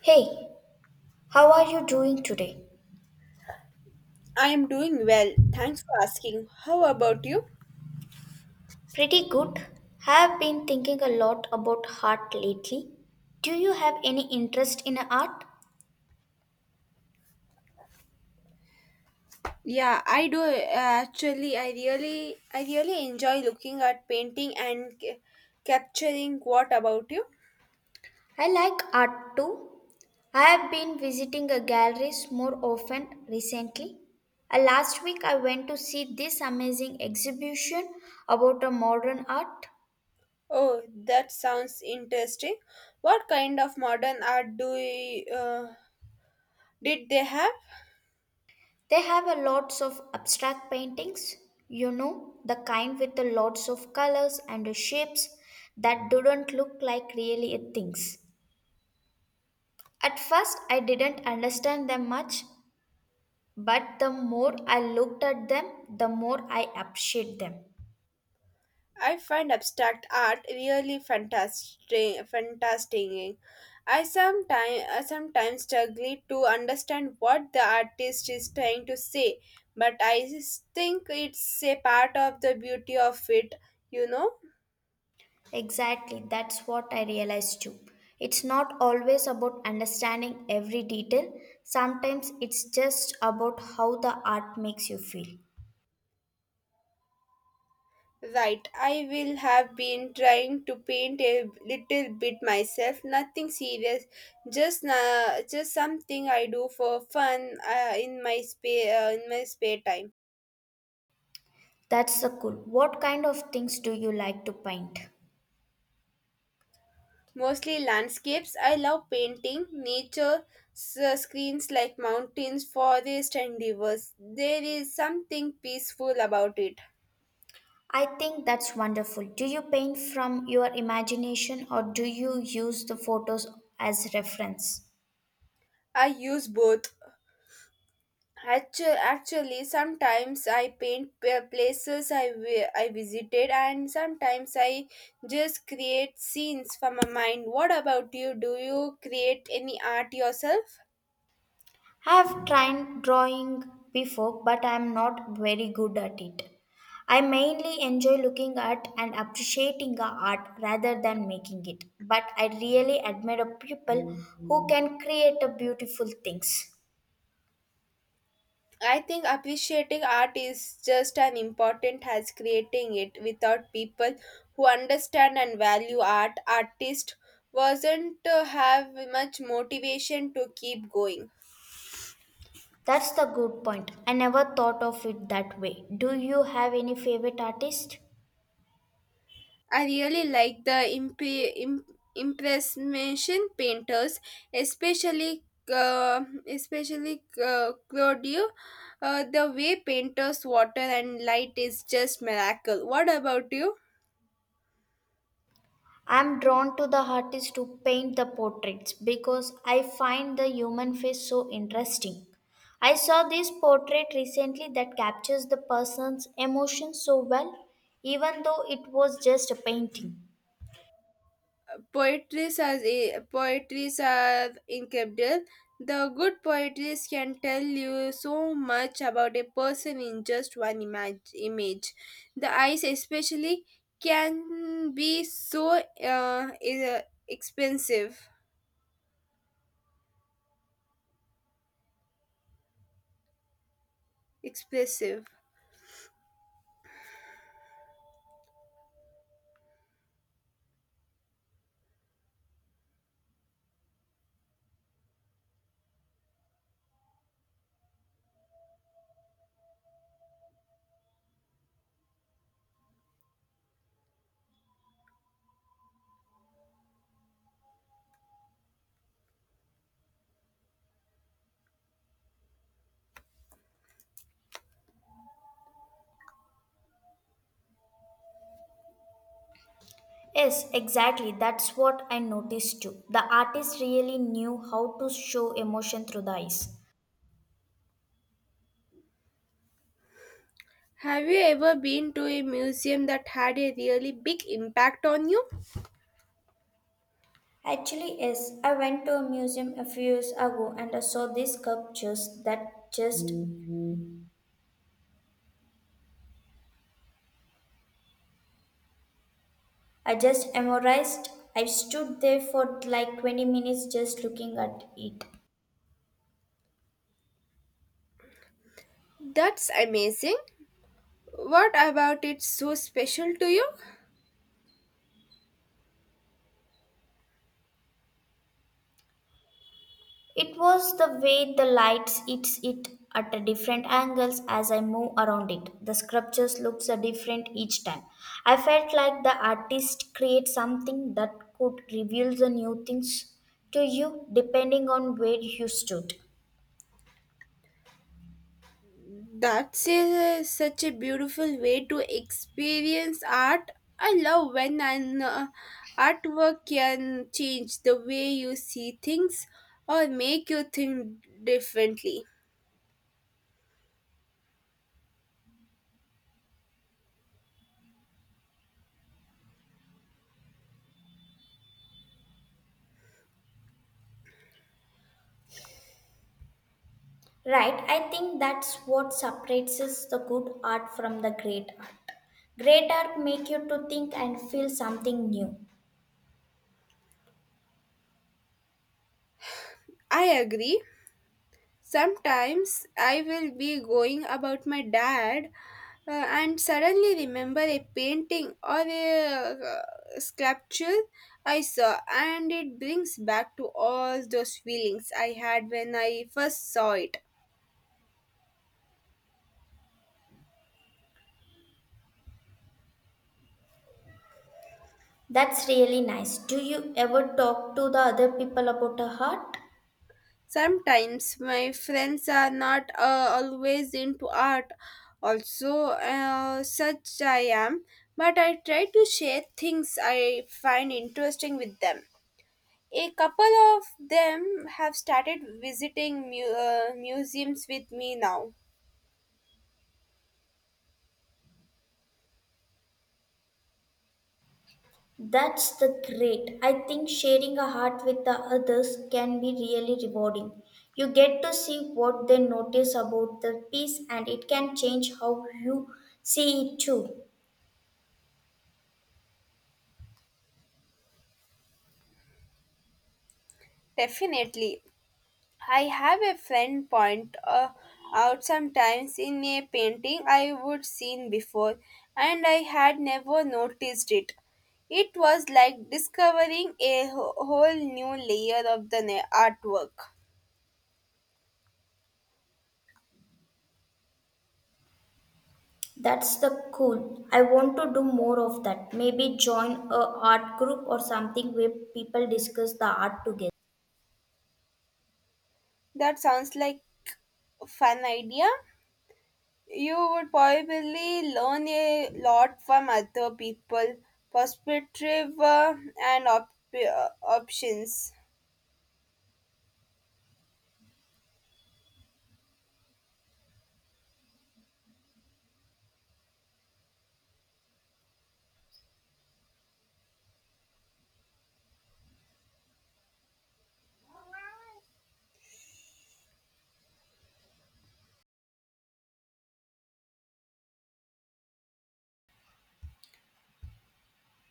Hey, how are you doing today? I am doing well. Thanks for asking. How about you? Pretty good. Have been thinking a lot about art lately. Do you have any interest in art? Yeah, I do actually. I really enjoy looking at painting and capturing. What about you? I like art too. I have been visiting a galleries more often recently. Last week I went to see this amazing exhibition about a modern art. Oh, that sounds interesting. What kind of modern art do you did they have? They have a lots of abstract paintings, you know, the kind with the lots of colors and the shapes that don't look like really things. At first I didn't understand them much, but the more I looked at them, the more I appreciate them. I find abstract art really fantastic. I sometimes struggle to understand what the artist is trying to say, but I think it's a part of the beauty of it, you know. Exactly, that's what I realized too. It's not always about understanding every detail. Sometimes it's just about how the art makes you feel. Right, I will have been trying to paint a little bit myself, nothing serious, just just something I do for fun in my in my spare time. That's so cool. What kind of things do you like to paint? Mostly landscapes. I love painting nature screens like mountains, forest, and rivers. There is something peaceful about it. I think that's wonderful. Do you paint from your imagination or do you use the photos as reference? I use both. Actually, sometimes I paint places I visited, and sometimes I just create scenes from my mind. What about you? Do you create any art yourself? I have tried drawing before, but I am not very good at it. I mainly enjoy looking at and appreciating the art rather than making it. But I really admire people who can create a beautiful things. I think appreciating art is just as important as creating it. Without people who understand and value art, artist wasn't to have much motivation to keep going. That's the good point. I never thought of it that way. Do you have any favorite artist? I really like the impression painters, especially Claudio. The way painters water and light is just miracle. What about you? I'm drawn to the artists who paint the portraits because I find the human face so interesting. I saw this portrait recently that captures the person's emotions so well, even though it was just a painting. Poetry as a poetries are incredible. The good poetry can tell you so much about a person in just one image. The eyes, especially, can be so expensive, expressive. Yes, exactly. That's what I noticed too. The artist really knew how to show emotion through the eyes. Have you ever been to a museum that had a really big impact on you? Actually, yes. I went to a museum a few years ago and I saw these sculptures that just I just memorized. I stood there for like 20 minutes just looking at it. That's amazing. What about it so special to you? It was the way the lights hits it at a different angles as I move around it. The sculptures looks a different each time. I felt like the artist create something that could reveal the new things to you depending on where you stood. Such a beautiful way to experience art. I love when an artwork can change the way you see things or make you think differently. Right, I think that's what separates is the good art from the great art. Great art make you to think and feel something new. I agree. Sometimes I will be going about my dad and suddenly remember a painting or a sculpture I saw, and it brings back to all those feelings I had when I first saw it. That's really nice. Do you ever talk to the other people about a heart? Sometimes my friends are not always into art, also, such I am, but I try to share things I find interesting with them. A couple of them have started visiting museums with me now. That's the great. I think sharing a heart with the others can be really rewarding. You get to see what they notice about the piece and it can change how you see it too. Definitely, I have a friend point out sometimes in a painting I would seen before and I had never noticed it. It was like discovering a whole new layer of the artwork. That's the cool. I want to do more of that. Maybe join a art group or something where people discuss the art together. That sounds like a fun idea. You would probably learn a lot from other people' perspective and options.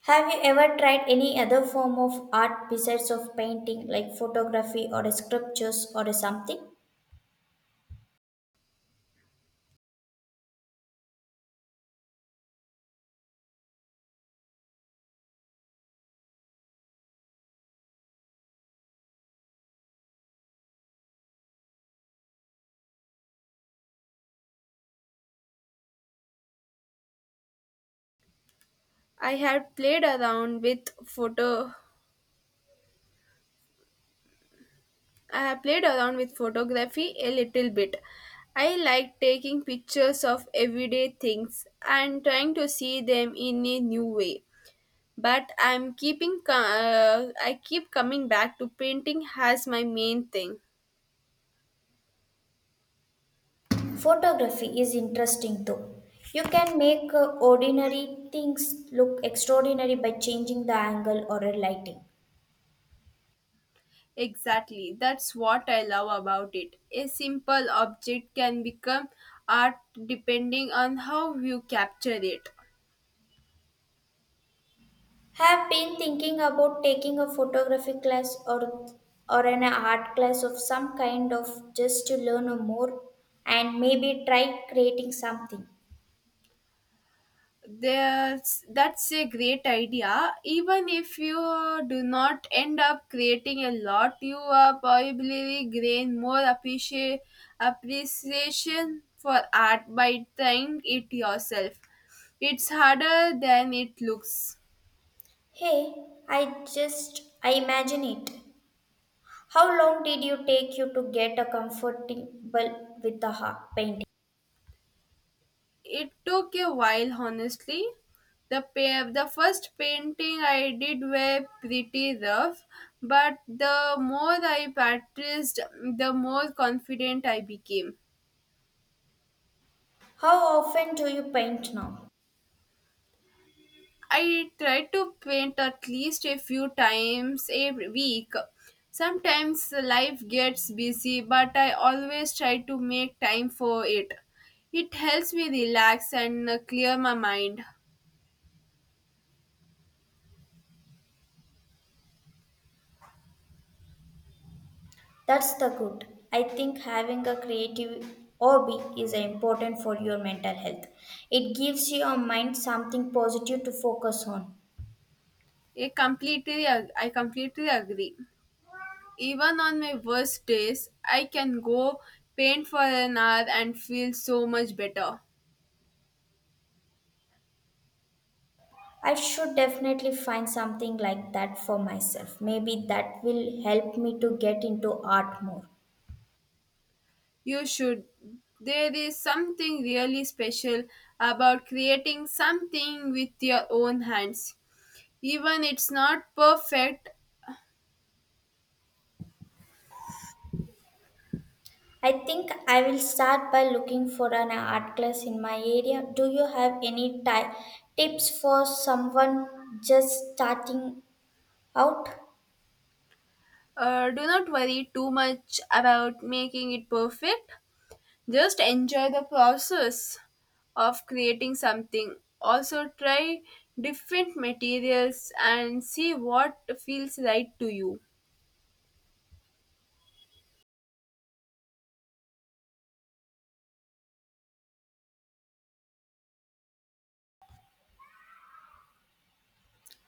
Have you ever tried any other form of art besides of painting like photography or sculptures or something? I had played around with photo I have played around with photography a little bit. I like taking pictures of everyday things and trying to see them in a new way. But I'm I keep coming back to painting as my main thing. Photography is interesting though. You can make ordinary things look extraordinary by changing the angle or a lighting. Exactly. That's what I love about it. A simple object can become art depending on how you capture it. Have been thinking about taking a photography class or an art class of some kind of just to learn more and maybe try creating something. That's a great idea. Even if you do not end up creating a lot, you are probably gain more appreciation for art by trying it yourself. It's harder than it looks. Hey, I just I imagine it. How long did you take you to get a comfortable with the painting? It took a while, honestly. The the first painting I did were pretty rough, but the more I practiced, the more confident I became. How often do you paint now? I try to paint at least a few times a week. Sometimes life gets busy, but I always try to make time for it. It helps me relax and clear my mind. That's the good. I think having a creative hobby is important for your mental health. It gives your mind something positive to focus on. I completely agree. Even on my worst days, I can go paint for an hour and feel so much better. I should definitely find something like that for myself. Maybe that will help me to get into art more. You should. There is something really special about creating something with your own hands. Even it's not perfect, I think I will start by looking for an art class in my area. Do you have any tips for someone just starting out? Do not worry too much about making it perfect. Just enjoy the process of creating something. Also, try different materials and see what feels right to you.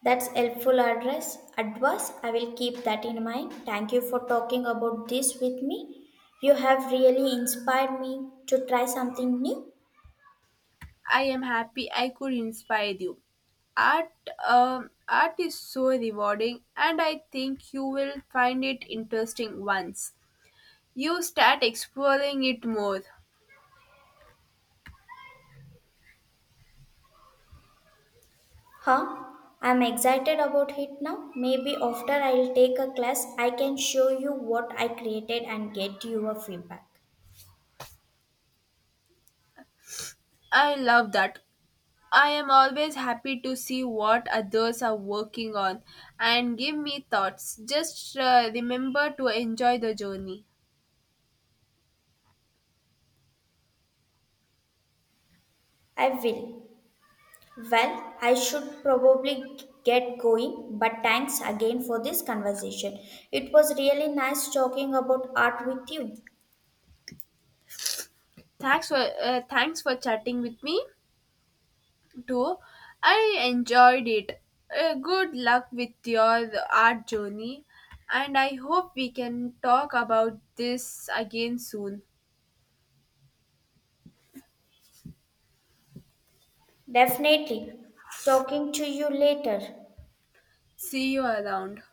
That's helpful address advice. I will keep that in mind. Thank you for talking about this with me. You have really inspired me to try something new. I am happy I could inspire you. Art, art is so rewarding, and I think you will find it interesting once you start exploring it more. Huh? I'm excited about it now. Maybe after I'll take a class, I can show you what I created and get your feedback. I love that. I am always happy to see what others are working on and give me thoughts. Just remember to enjoy the journey. I will. Well, I should probably get going, but thanks again for this conversation. It was really nice talking about art with you. Thanks for chatting with me. Too. I enjoyed it. Good luck with your art journey, and I hope we can talk about this again soon. Definitely. Talking to you later. See you around.